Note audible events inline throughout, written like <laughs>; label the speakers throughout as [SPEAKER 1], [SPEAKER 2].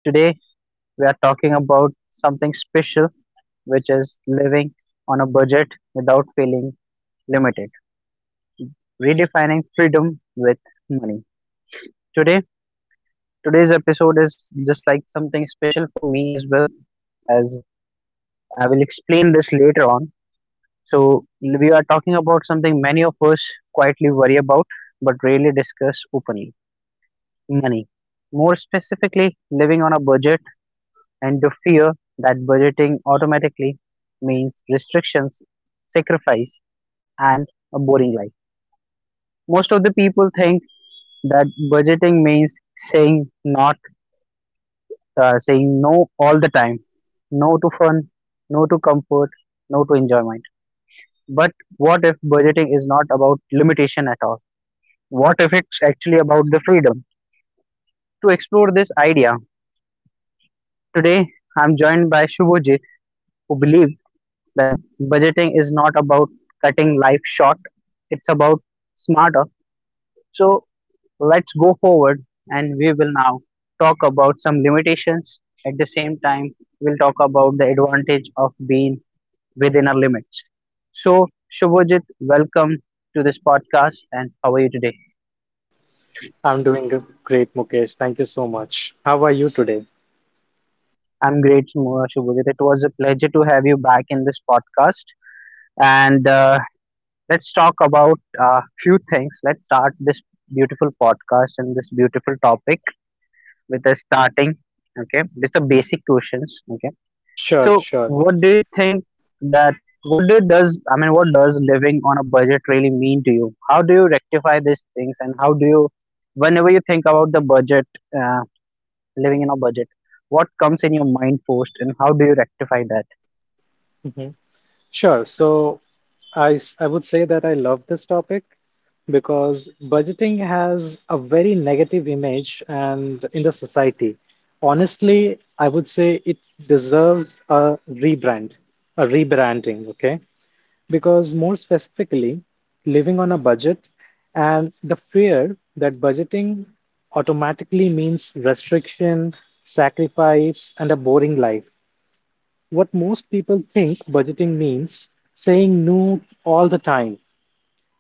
[SPEAKER 1] Today we are talking about something special, which is living on a budget without feeling limited, redefining freedom with money. Today, today's episode is just like something special for me as well, as I will explain this later on. So we are talking about something many of us quietly worry about, but rarely discuss openly: money. More specifically, living on a budget and the fear that budgeting automatically means restrictions, sacrifice, and a boring life. Most of the people think that budgeting means saying not, saying no all the time, no to fun, no to comfort, no to enjoyment. But what if budgeting is not about limitation at all? What if it's actually about the freedom? To explore this idea, today I'm joined by Shubhajit, who believes that budgeting is not about cutting life short, it's about smarter. So let's go forward and we will now talk about some limitations. At the same time, we'll talk about the advantage of being within our limits. So, Shubhajit, welcome to this podcast and how are you today?
[SPEAKER 2] I'm doing g- Great, Mukesh. Thank you so much. How are you today?
[SPEAKER 1] I'm great, Shubhajit. It was a pleasure to have you back in this podcast. And Let's talk about a few things. Let's start this beautiful podcast and this beautiful topic with a starting. Okay, with the basic questions. Okay,
[SPEAKER 2] Sure,
[SPEAKER 1] so
[SPEAKER 2] sure.
[SPEAKER 1] what do you think that what do does I mean what does living on a budget really mean to you? How do you rectify these things and how do you, whenever you think about the budget uh, living in a budget, what comes in your mind first and how do you rectify that?
[SPEAKER 2] Mhm. Sure. So I would say that I love this topic because budgeting has a very negative image and in the society. Honestly, I would say it deserves a rebrand, a rebranding, okay? Because, more specifically, living on a budget and the fear that budgeting automatically means restriction, sacrifice, and a boring life. What most people think budgeting means saying no all the time.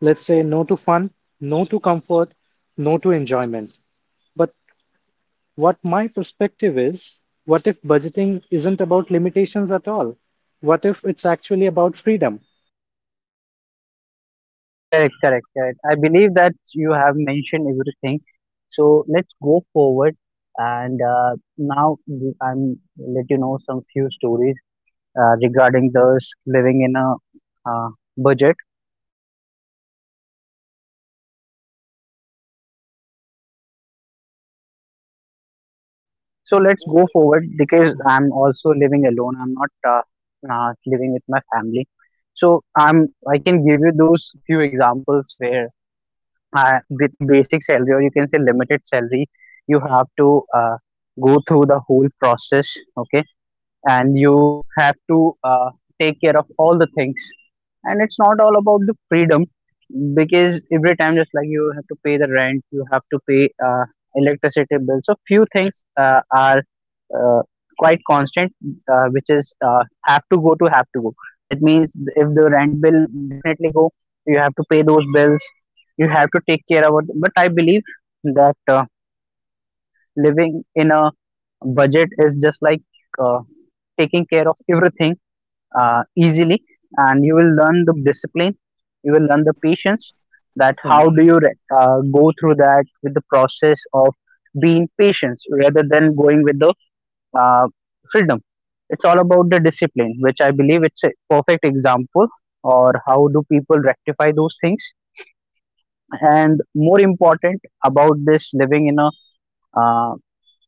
[SPEAKER 2] Let's say no to fun, no to comfort, no to enjoyment. But what my perspective is, what if budgeting isn't about limitations at all? What if it's actually about freedom?
[SPEAKER 1] Correct, correct, correct. I believe that you have mentioned everything. So let's go forward and now we- I'm let you know some few stories regarding those living in a uh, budget. So let's go forward because I'm also living alone. I'm not living with my family. So I'm I can give you those few examples where, with a basic salary or you can say limited salary, you have to go through the whole process. Okay, and you have to take care of all the things, and it's not all about the freedom, because every time, just like, you have to pay the rent, you have to pay electricity bill. So few things are uh, quite constant, which is have to go to have to go. That means if the rent bill definitely go, you have to pay those bills, you have to take care about. But I believe that living in a budget is just like uh, taking care of everything easily, and you will learn the discipline, you will learn the patience, that how do you go through that with the process of being patient rather than going with the uh, freedom. It's all about the discipline, which I believe it's a perfect example or how do people rectify those things. And more important about this living in a uh,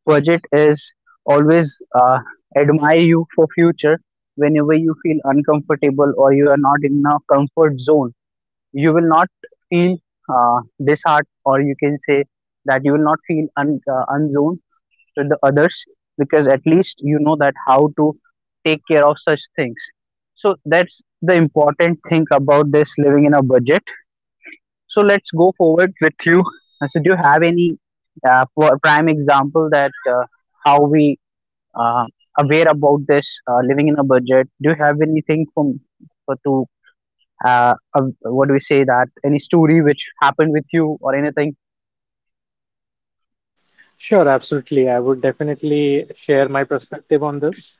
[SPEAKER 1] budget is always uh, admire you for future. Whenever you feel uncomfortable or you are not in a comfort zone, you will not feel uh, disheart, or you can say that you will not feel unzoned with the others, because at least you know that how to take care of such things. So that's the important thing about this living in a budget. So let's go forward with you. So do you have any prime example that how we uh, aware about this living in a budget? Do you have anything from for to uh, uh, what do we say that any story which happened with you or anything?
[SPEAKER 2] Sure, absolutely. I would definitely share my perspective on this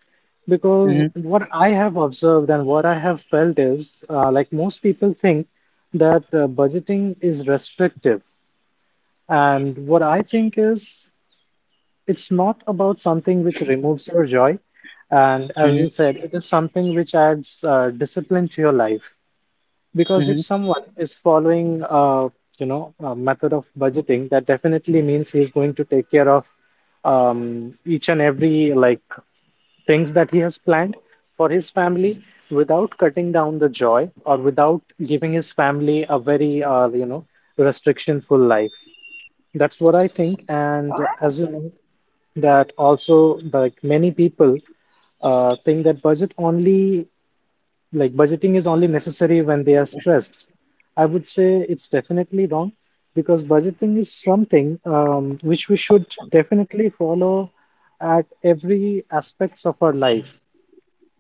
[SPEAKER 2] because
[SPEAKER 1] Hmm.
[SPEAKER 2] what I have observed and what I have felt is like most people think that budgeting is restrictive. And what I think is it's not about something which removes your joy. And as you
[SPEAKER 1] Hmm.
[SPEAKER 2] said, it is something which adds discipline to your life because if
[SPEAKER 1] Hmm.
[SPEAKER 2] someone is following you know a method of budgeting that definitely means he is going to take care of each and every like things that he has planned for his family without cutting down the joy or without giving his family a very you know restrictionful life. That's what I think. And as you know, that also like many people think that budget only, like budgeting is only necessary when they are stressed. I would say it's definitely wrong because budgeting is something which we should definitely follow at every aspects of our life.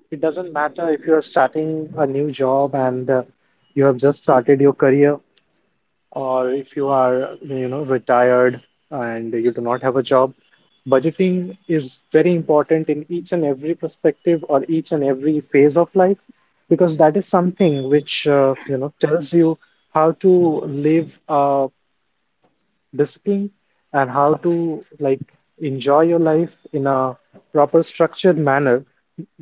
[SPEAKER 2] It doesn't matter if you are starting a new job and you have just started your career, or if you are, you know, retired and you do not have a job, budgeting is very important in each and every perspective or each and every phase of life, because that is something which, you know, tells you how to live a discipline and how to like enjoy your life in a proper structured manner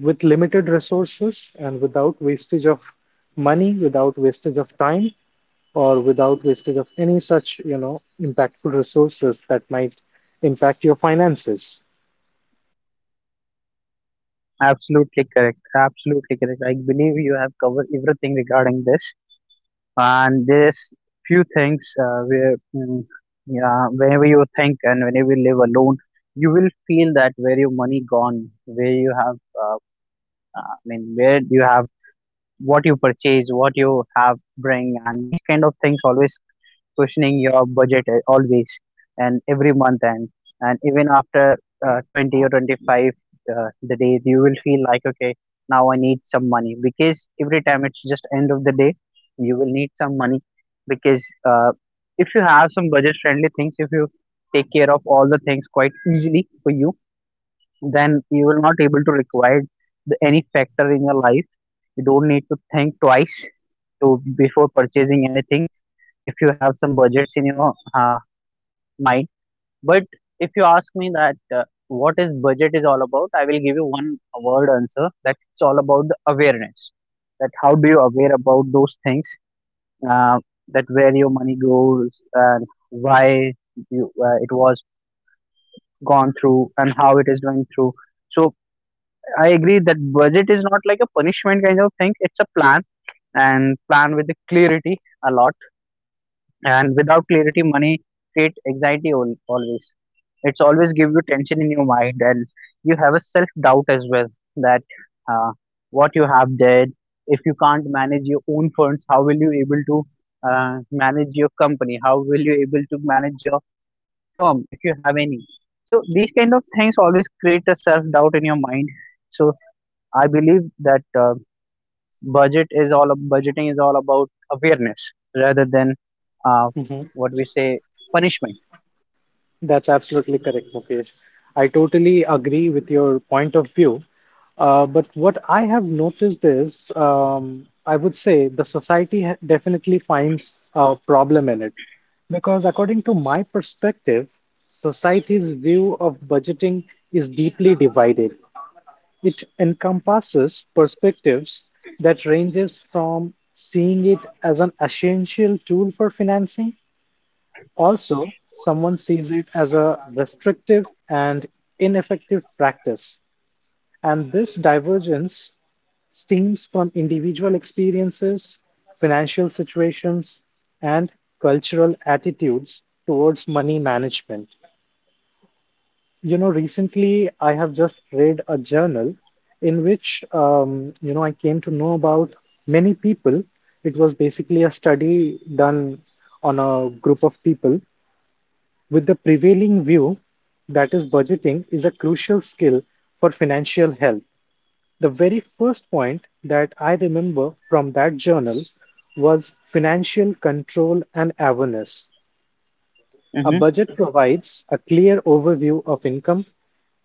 [SPEAKER 2] with limited resources and without wastage of money, without wastage of time, or without wastage of any such, you know, impactful resources that might impact your finances.
[SPEAKER 1] Absolutely correct, absolutely correct. I believe you have covered everything regarding this. And there's few things where, yeah, whenever you think and whenever you live alone, you will feel that where your money gone, where you have uh, I mean where you have, what you purchase, what you have bring, and these kind of things. Always questioning your budget, always, and every month end, and even after 20 or 25 the days, you will feel like okay, now I need some money, because every time it's just end of the day, you will need some money. Because if you have some budget friendly things, if you take care of all the things quite easily for you, then you will not able to require the, any factor in your life. You don't need to think twice to before purchasing anything if you have some budgets in your mind. But if you ask me that what is budget is all about, I will give you one word answer, that it's all about the awareness, that how do you aware about those things, uh, that where your money goes and why it was gone through and how it is going through. So I agree that budget is not like a punishment kind of thing. It's a plan, and plan with the clarity a lot. And without clarity, money create anxiety always. It's always give you tension in your mind, and you have a self doubt as well, that uh, what you have did. If you can't manage your own funds, how will you able to manage your company? How will you able to manage your firm if you have any? So these kind of things always create a self doubt in your mind. So I believe that budgeting is all about awareness rather than, uh,
[SPEAKER 2] Hmm.
[SPEAKER 1] what we say, punishment.
[SPEAKER 2] That's absolutely correct, Mukesh. I totally agree with your point of view. But what I have noticed is, I would say the society definitely finds a problem in it. Because according to my perspective, society's view of budgeting is deeply divided. It encompasses perspectives that ranges from seeing it as an essential tool for financing, also, someone sees it as a restrictive and ineffective practice. And this divergence stems from individual experiences, financial situations, and cultural attitudes towards money management. You know, recently I have just read a journal in which, you know, I came to know about many people. It was basically a study done on a group of people with the prevailing view that is budgeting is a crucial skill for financial health. The very first point that I remember from that journal was financial control and awareness. A
[SPEAKER 1] Mm-hmm.
[SPEAKER 2] budget provides a clear overview of income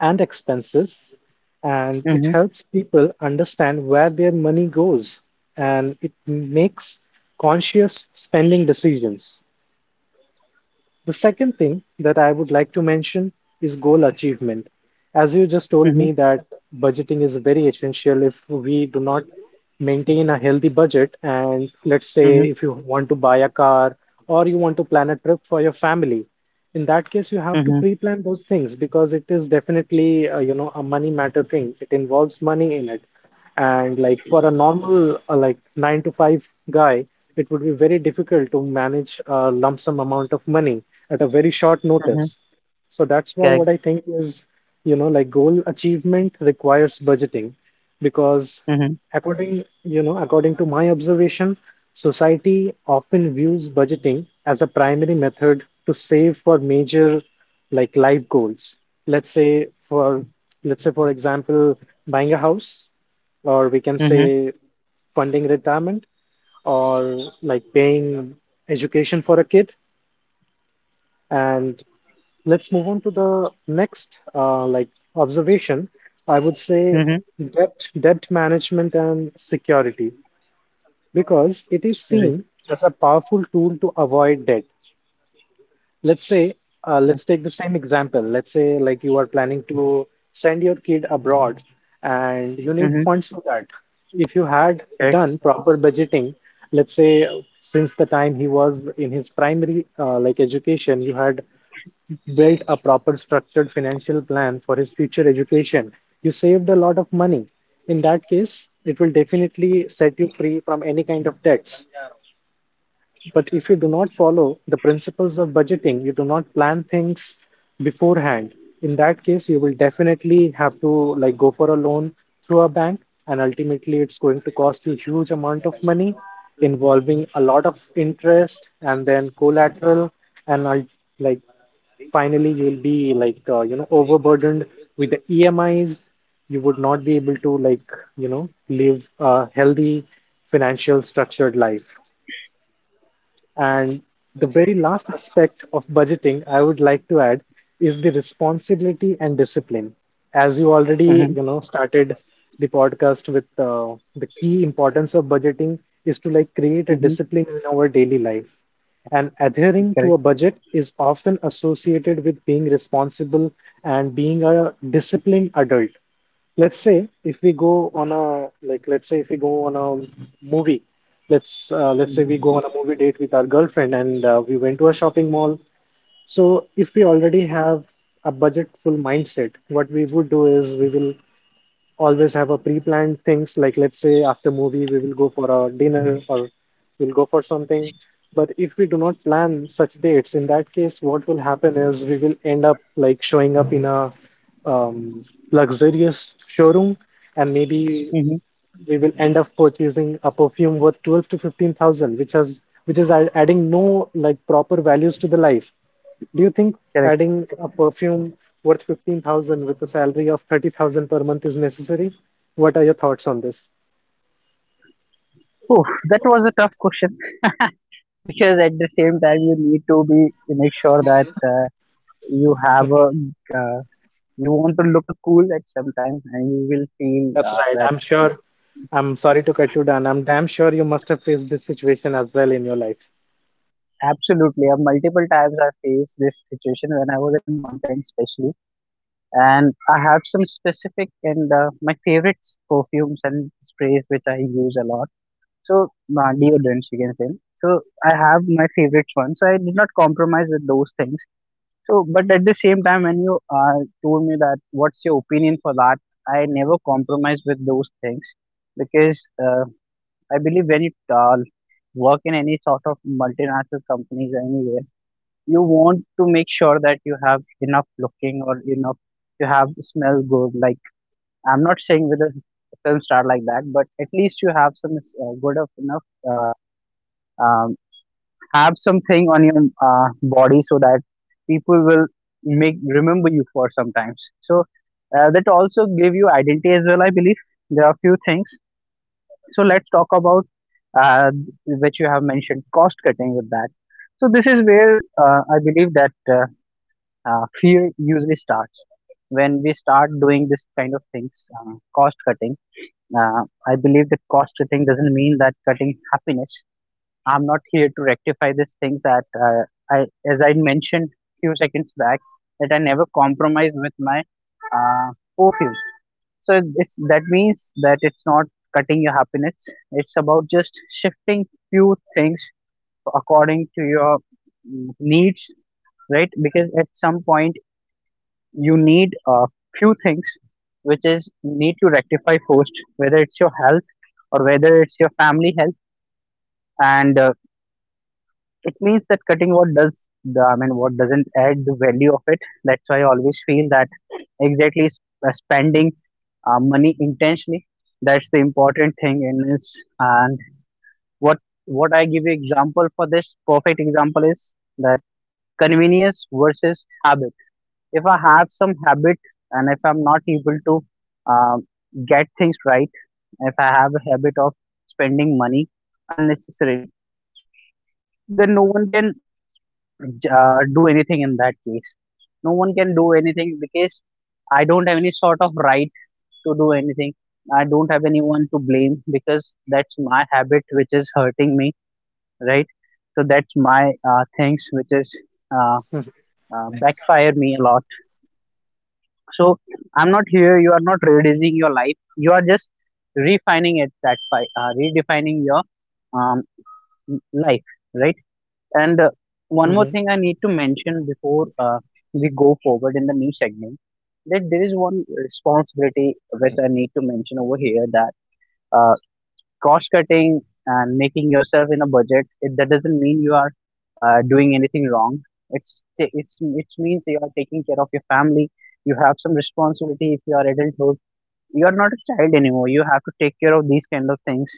[SPEAKER 2] and expenses, and it
[SPEAKER 1] Mm-hmm.
[SPEAKER 2] helps people understand where their money goes, and it makes conscious spending decisions. The second thing that I would like to mention is goal achievement. As you just told me that budgeting is very essential. If we do not maintain a healthy budget and let's
[SPEAKER 1] Mm-hmm.
[SPEAKER 2] say if you want to buy a car or you want to plan a trip for your family, in that case you have
[SPEAKER 1] Mm-hmm.
[SPEAKER 2] to
[SPEAKER 1] Mm-hmm.
[SPEAKER 2] pre-plan those things because it is definitely, you know, a money matter thing. It involves money in it. And like for a normal like nine to five guy, it would be very difficult to manage a lump sum amount of money at a very short
[SPEAKER 1] Mm-hmm.
[SPEAKER 2] notice. So that's why
[SPEAKER 1] Correct.
[SPEAKER 2] what I think is, you know, like goal achievement requires budgeting because
[SPEAKER 1] Mm-hmm.
[SPEAKER 2] according, you know, according to my observation, society often views budgeting as a primary method to save for major like life goals. Let's say for, let's say for example, buying a house, or we can
[SPEAKER 1] Mm-hmm.
[SPEAKER 2] say funding retirement, or like paying education for a kid. And let's move on to the next like observation. I would say
[SPEAKER 1] Mm-hmm.
[SPEAKER 2] debt management and security because it is
[SPEAKER 1] Right.
[SPEAKER 2] seen as a powerful tool to avoid debt. Let's say,
[SPEAKER 1] Yeah.
[SPEAKER 2] let's take the same example. Let's say like you are planning to send your kid abroad and you need
[SPEAKER 1] Mm-hmm.
[SPEAKER 2] funds for that. If you had
[SPEAKER 1] Correct.
[SPEAKER 2] done proper budgeting, let's say since the time he was in his primary like education, you had built a proper structured financial plan for his future education, you saved a lot of money. In that case, it will definitely set you free from any kind of debts. But if you do not follow the principles of budgeting, you do not plan things beforehand. In that case, you will definitely have to like go for a loan through a bank, and ultimately it's going to cost you huge amount of money, involving a lot of interest and then collateral, and like finally you will be like you know overburdened with the EMIs. You would not be able to like you know live a healthy financial structured life. And the very last aspect of budgeting I would like to add is the responsibility and discipline. As you already,
[SPEAKER 1] Mm-hmm.
[SPEAKER 2] you know, started the podcast with the key importance of budgeting is to like create a
[SPEAKER 1] Mm-hmm.
[SPEAKER 2] discipline in our daily life. And adhering to a
[SPEAKER 1] Correct.
[SPEAKER 2] budget is often associated with being responsible and being a disciplined adult. Let's say if we go on a like, let's say if we go on a movie, let's say
[SPEAKER 1] Mm-hmm.
[SPEAKER 2] we go on a movie date with our girlfriend, and we went to a shopping mall. So if we already have a budgetful mindset, what we would do is we will always have a pre-planned things. Like let's say after movie we will go for a dinner, or we'll go for something. But if we do not plan such dates, in that case what will happen is we will end up like showing up in a um, luxurious showroom, and maybe
[SPEAKER 1] Mm-hmm.
[SPEAKER 2] we will end up purchasing a perfume worth 12 to 15,000 which has adding no like proper values to the life. Do you think
[SPEAKER 1] Correct.
[SPEAKER 2] adding a perfume worth 15,000 with a salary of 30,000 per month is necessary? What are your thoughts on this?
[SPEAKER 1] Oh, that was a tough question <laughs> because at the same time you need to make sure that you have a uh, you want to look a cool at some time, and you will feel
[SPEAKER 2] That's right.
[SPEAKER 1] that.
[SPEAKER 2] I'm sure. I'm sorry to cut you down. I'm damn sure you must have faced this situation as well in your life.
[SPEAKER 1] Absolutely. Multiple times I faced this situation when I was in mountain, especially. And I have some specific and my favorite perfumes and sprays which I use a lot. So, deodorants, you can say. So, I have my favorites one. So, I did not compromise with those things. So, but at the same time, when you told me that what's your opinion for that, I never compromise with those things, because I believe when you work in any sort of multinational companies anywhere, you want to make sure that you have enough looking or enough, you have smell good, like, I'm not saying with a film star like that, but at least you have some good of enough uh, um, have something on your body, so that people will make remember you for sometimes. So that also give you identity as well, I believe. There are few things. So let's talk about uh, which you have mentioned, cost cutting, with that. So this is where, I believe that, fear usually starts when we start doing this kind of things, cost cutting. uh, I believe that cost cutting doesn't mean that cutting happiness. I'm not here to rectify this thing that, I as I mentioned few seconds back, that I never compromise with my uh, perfumes. So it's, that means that it's not cutting your happiness. It's about just shifting few things according to your, mm, needs, right? Because at some point you need a few things, which is you need to rectify first, whether it's your health or whether it's your family health. And it means that cutting what doesn't add the value of it. That's why I always feel that, exactly, spending money intentionally, that's the important thing in this. And what what I give you example for, this perfect example is that, convenience versus habit. If I have some habit, and if I'm not able to uh, get things right, if I have a habit of spending money unnecessarily, then no one can do anything in that case. No one can do anything, because I don't have any sort of right to do anything. I don't have anyone to blame, because that's my habit which is hurting me, right? So that's my things which is uh, backfire me a lot. So I'm not here. You are not reducing your life. You are just refining it. Redefining your, um, life, right? And one more
[SPEAKER 2] Hmm.
[SPEAKER 1] thing I need to mention before we go forward in the new segment, that there is one responsibility which I need to mention over here that. Uh, cost cutting and making yourself in a budget, it, that doesn't mean you are doing anything wrong. It's it's it means you are taking care of your family. You have some responsibility if you are adulthood. You are not a child anymore. You have to take care of these kind of things.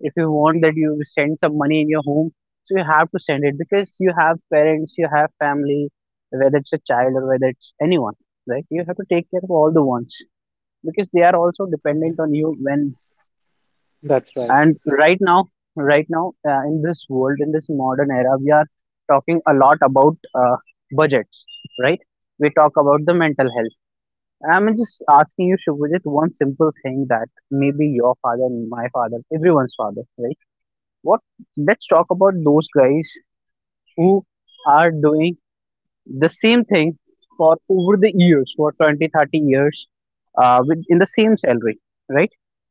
[SPEAKER 1] If you want that you send some money in your home, so you have to send it because you have parents, you have family, whether it's a child or whether it's anyone, right? You have to take care of all the ones because they are also dependent on you when
[SPEAKER 2] That's right.
[SPEAKER 1] and right now in this world, in this modern era, we are talking a lot about uh, budgets, right? We talk about the mental health. I'm just asking you, Shubhajit, one simple thing that maybe your father, my father, everyone's father, right? What? Let's talk about those guys who are doing the same thing for over the years, for 20, 30 years, with in the same salary, right?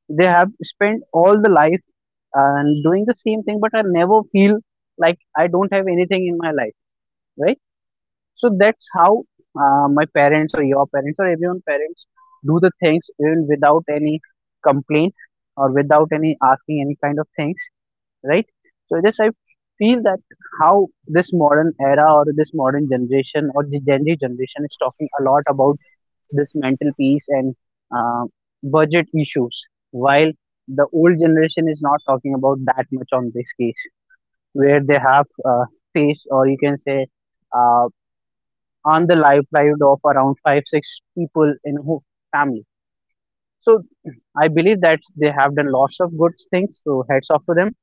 [SPEAKER 1] They have spent all the life and doing the same thing, but I never feel like I don't have anything in my life, right? So that's how my parents or your parents or everyone parents do the things even without any complaint or without any asking any kind of things, right? So just I feel that how this modern era or this modern generation or the Gen Z generation is talking a lot about this mental peace and uh, budget issues, while the old generation is not talking about that much on this case where they have face, or you can say uh, on the livelihood of around 5 6 people in a whole family. So I believe that they have done lots of good things, so heads off to them.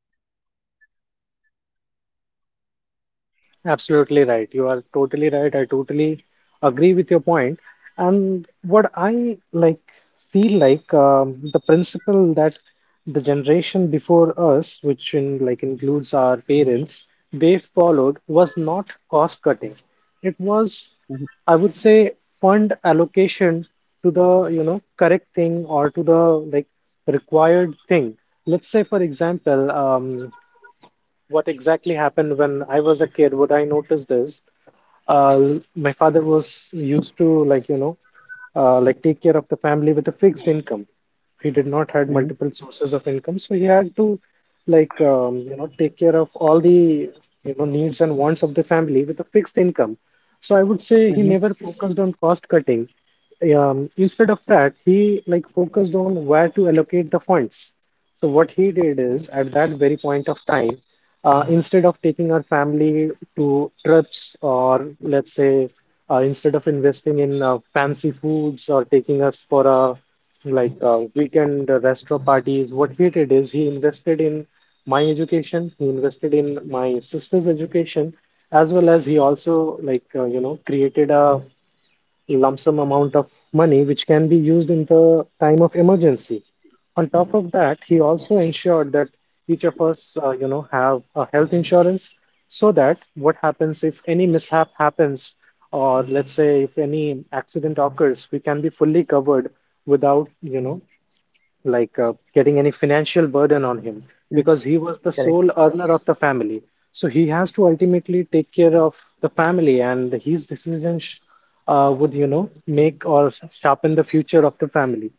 [SPEAKER 2] Absolutely right. You are totally right. I totally agree with your point. And what I like feel like the principle that the generation before us, which in like includes our parents, they followed was not cost cutting. It was,
[SPEAKER 1] hmm
[SPEAKER 2] I would say, fund allocation to the you know correct thing or to the like required thing. Let's say, for example, what exactly happened when I was a kid, what I noticed is uh, my father was used to like you know like take care of the family with a fixed income. He did not had
[SPEAKER 1] hmm
[SPEAKER 2] multiple sources of income, so he had to like you know take care of all the you know needs and wants of the family with a fixed income. So I would say he never focused on cost cutting. Instead of that, he like focused on where to allocate the funds. So what he did is at that very point of time, instead of taking our family to trips, or let's say instead of investing in fancy foods or taking us for a like weekend restaurant parties, what he did is he invested in my education, he invested in my sister's education, as well as he also like you know created a lump sum amount of money which can be used in the time of emergency. On top of that, he also ensured that each of us, you know, have a health insurance so that what happens if any mishap happens, or let's say if any accident occurs, we can be fully covered without, you know, like getting any financial burden on him
[SPEAKER 1] hmm
[SPEAKER 2] because he was the
[SPEAKER 1] Correct.
[SPEAKER 2] sole earner of the family. So he has to ultimately take care of the family, and his decisions would, you know, make or sharpen the future of the family.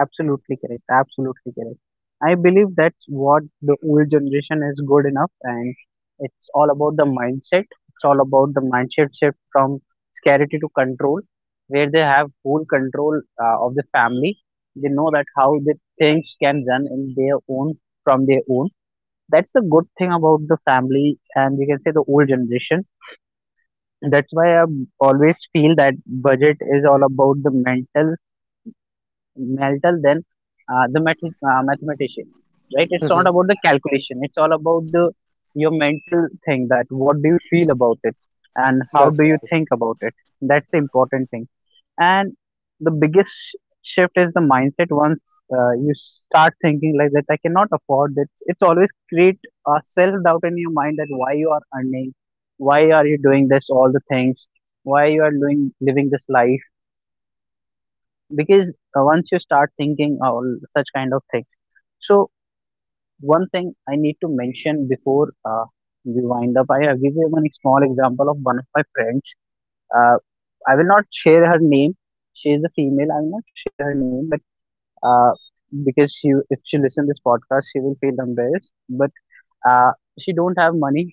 [SPEAKER 1] Absolutely correct. Absolutely correct. I believe that's what the old generation is good enough, and it's all about the mindset. It's all about the mindset shift from scarcity to control, where they have full control of the family. They know that how the things can run in their own from their own. That's the good thing about the family, and you can say the old generation. That's why I always feel that budget is all about the mental Meltel then the mathematician, right? It's
[SPEAKER 2] Hmm.
[SPEAKER 1] not about the calculation. It's all about the your mental thing that what do you feel about it and how
[SPEAKER 2] That's
[SPEAKER 1] do you
[SPEAKER 2] right.
[SPEAKER 1] think about it. That's the important thing. And the biggest shift is the mindset. Once you start thinking like that, I cannot afford this. It's always create a self doubt in your mind that why you are earning, why are you doing this, all the things, why you are doing living this life, because once you start thinking all such kind of things. So one thing I need to mention before we wind up, I will give you one small example of one of my friends. uh, I will not share her name. She is a female. I will not share her name, but uh, because she, if she listen this podcast, she will feel embarrassed. But uh, she don't have money,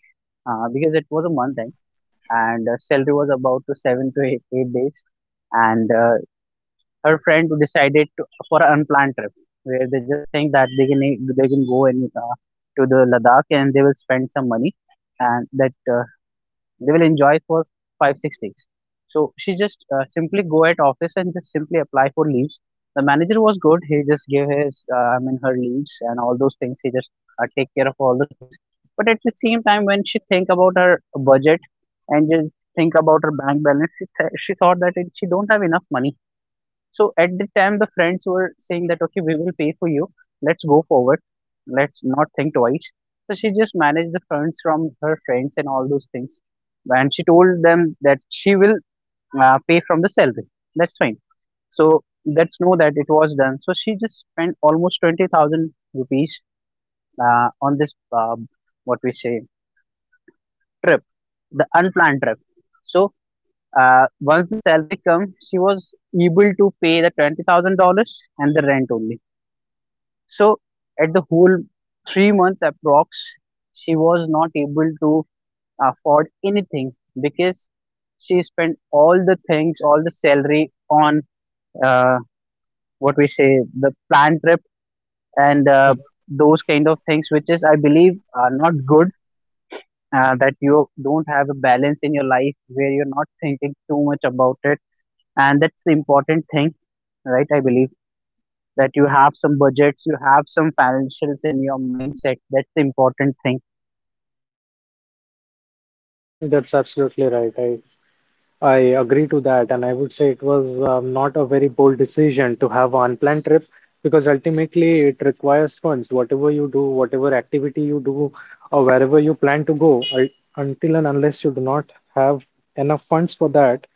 [SPEAKER 1] because it was a month end, and salary was about to 7 to 8, eight days, and her friend decided to, for an unplanned trip where they just think that they can go and to the Ladakh, and they will spend some money, and that they will enjoy for 5 6 days. So she just simply go at office and just simply apply for leaves. The manager was good. He just gave his I mean her leaves and all those things. He just take care of all the things. But at the same time, when she think about her budget and just think about her bank balance, she thought that it, she don't have enough money. So at the time, the friends were saying that, okay, we will pay for you. Let's go forward. Let's not think twice. So she just managed the funds from her friends and all those things. And she told them that she will pay from the salary. That's fine. So let's know that it was done. So she just spent almost 20,000 rupees on this, what we say, trip, the unplanned trip. So once the salary comes, she was able to pay the $20,000 and the rent only. So at the whole 3 months approx, she was not able to afford anything, because she spent all the things, all the salary on uh, what we say the planned trip, and
[SPEAKER 2] Mhm.
[SPEAKER 1] those kind of things, which is I believe are not good. That you don't have a balance in your life where you're not thinking too much about it, and that's the important thing, right? I believe that you have some budgets, you have some financials in your mindset. That's the important thing.
[SPEAKER 2] That's absolutely right. I agree to that, and I would say it was not a very bold decision to have an unplanned trip because ultimately it requires funds. Whatever you do, whatever activity you do, or wherever you plan to go, until and unless you do not have enough funds for that,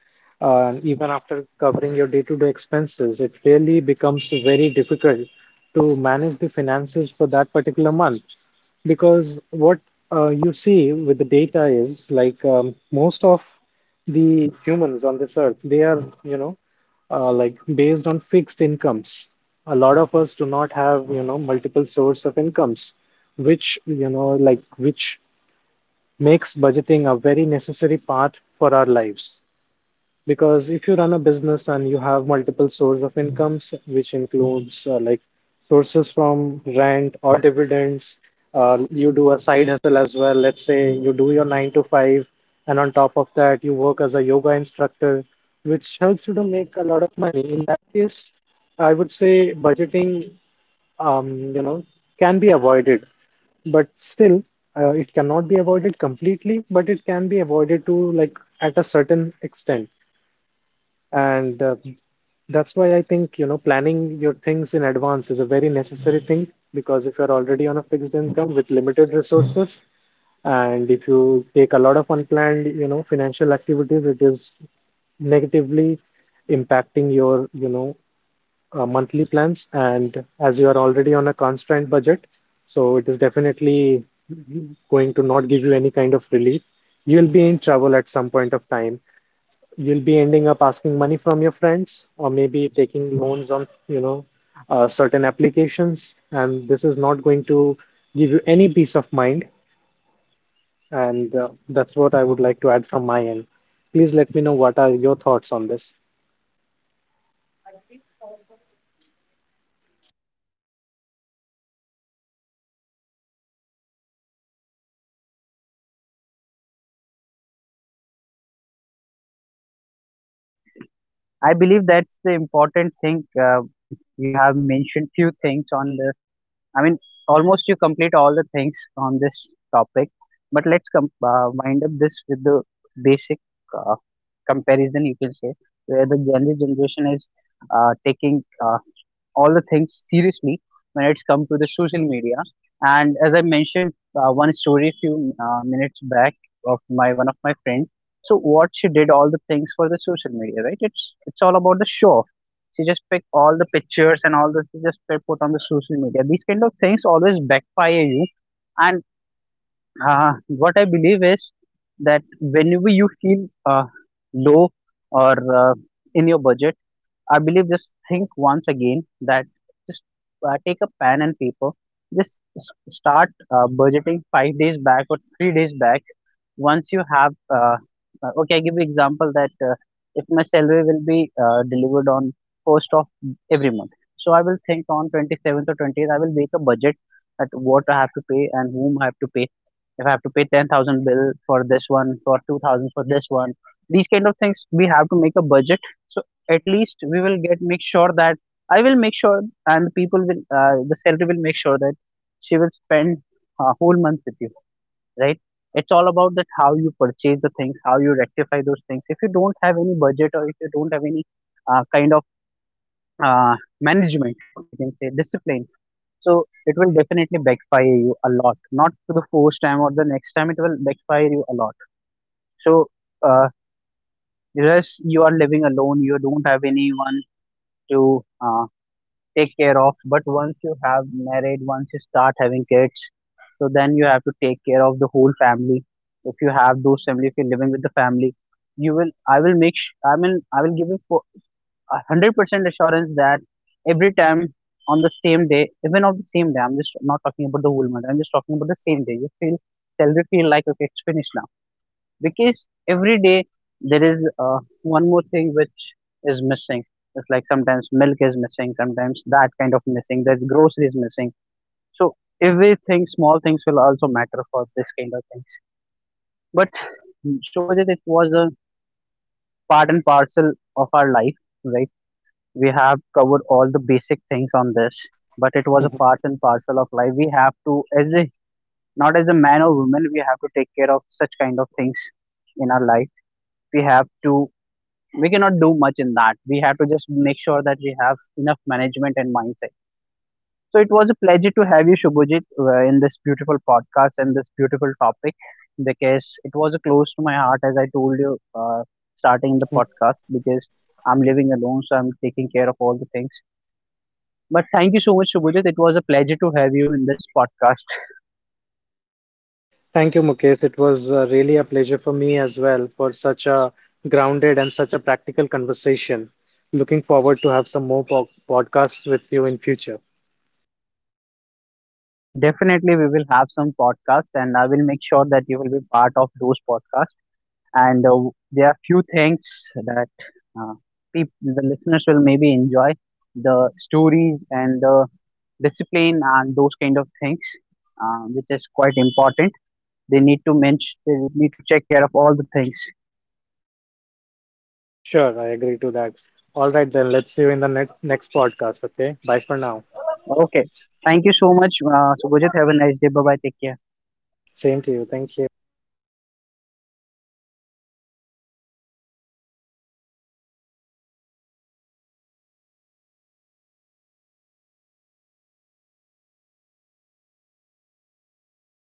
[SPEAKER 2] even after covering your day-to-day expenses, it really becomes very difficult to manage the finances for that particular month. Because what you see with the data is like most of the humans on this earth, they are, you know, like based on fixed incomes. A lot of us do not have, you know, multiple source of incomes, which, you know, like which makes budgeting a very necessary part for our lives, because if you run a business and you have multiple sources of incomes, which includes like sources from rent or dividends, you do a side hustle as well. Let's say you do your nine to five, and on top of that, you work as a yoga instructor, which helps you to make a lot of money. In that case, I would say budgeting, you know, can be avoided. But still it cannot be avoided completely, but it can be avoided to like at a certain extent. And That's why I think, you know, planning your things in advance is a very necessary thing, because if you're already on a fixed income with limited resources, and if you take a lot of unplanned, you know, financial activities, it is negatively impacting your, you know, monthly plans. And as you are already on a constrained budget, so it is definitely going to not give you any kind of relief. You'll be in trouble at some point of time. You'll be ending up asking money from your friends, or maybe taking loans on, you know, certain applications. And this is not going to give you any peace of mind. And that's what I would like to add from my end. Please let me know what are your thoughts on this. <laughs>
[SPEAKER 1] I believe that's the important thing. You have mentioned few things on the. I mean, almost you complete all the things on this topic. But let's wind up this with the basic uh, comparison. You can say where the Gen Z generation is taking all the things seriously when it's come to the social media. And as I mentioned one story a few minutes back of my one of my friends. So what she did all the things for the social media, right? It's all about the show off. She just picked all the pictures and all this. She just put on the social media. These kind of things always backfire you. And what I believe is that whenever you feel low or in your budget, I believe just think once again that just take a pen and paper, just start budgeting 5 days back or 3 days back. Once you have, uh, okay, I give you example that if my salary will be delivered on first of every month, so I will think on 27th or 20th, I will make a budget at what I have to pay and whom I have to pay. If I have to pay 10,000 bill for this one, for 2,000 for this one, these kind of things, we have to make a budget. So at least we will get make sure that I will make sure, and people will the salary will make sure that she will spend a whole month with you, right? It's all about that how you purchase the things, how you rectify those things. If you don't have any budget or if you don't have any kind of uh, management, you can say discipline. So it will definitely backfire you a lot. Not to the first time or the next time, it will backfire you a lot. So uh, yes, you are living alone. You don't have anyone to take care of, but once you have married, once you start having kids, so then you have to take care of the whole family if you have those family, if you're living with the family, you will, I mean, I will give you for a 100% assurance that every time on the same day, even on the same day, I'm just not talking about the whole month, I'm just talking about the same day you feel salary feel like okay it's finished now, because every day there is one more thing which is missing. It's like sometimes milk is missing, sometimes that kind of missing, there's groceries missing. So everything small things will also matter for this kind of things. But Shobhajit, it was a part and parcel of our life, right? We have covered all the basic things on this, but it was a part and parcel of life. We have to, as a not as a man or woman, we have to take care of such kind of things in our life. We have to We cannot do much in that. We have to just make sure that we have enough management and mindset. So it was a pleasure to have you, Shubhajit, in this beautiful podcast and this beautiful topic, because it was close to my heart, as I told you, starting the
[SPEAKER 2] Mhm.
[SPEAKER 1] podcast because I'm living alone, so I'm taking care of all the things. But thank you so much, Shubhajit. It was a pleasure to have you in this podcast.
[SPEAKER 2] Thank you, Mukesh. It was really a pleasure for me as well for such a grounded and such a practical conversation. Looking forward to have some more po podcasts with you in future.
[SPEAKER 1] <laughs> Definitely, we will have some podcasts, and I will make sure that you will be part of those podcasts. And there are few things that uh, the listeners will maybe enjoy the stories and the discipline and those kind of things, which is quite important. They need to mention, they need to check care of all the things.
[SPEAKER 2] Sure, I agree to that. All right, then let's see you in the next podcast. Okay, bye for now.
[SPEAKER 1] Okay, thank you so much, so Gujat, have a nice day. Bye bye, take care.
[SPEAKER 2] Same to you. Thank you.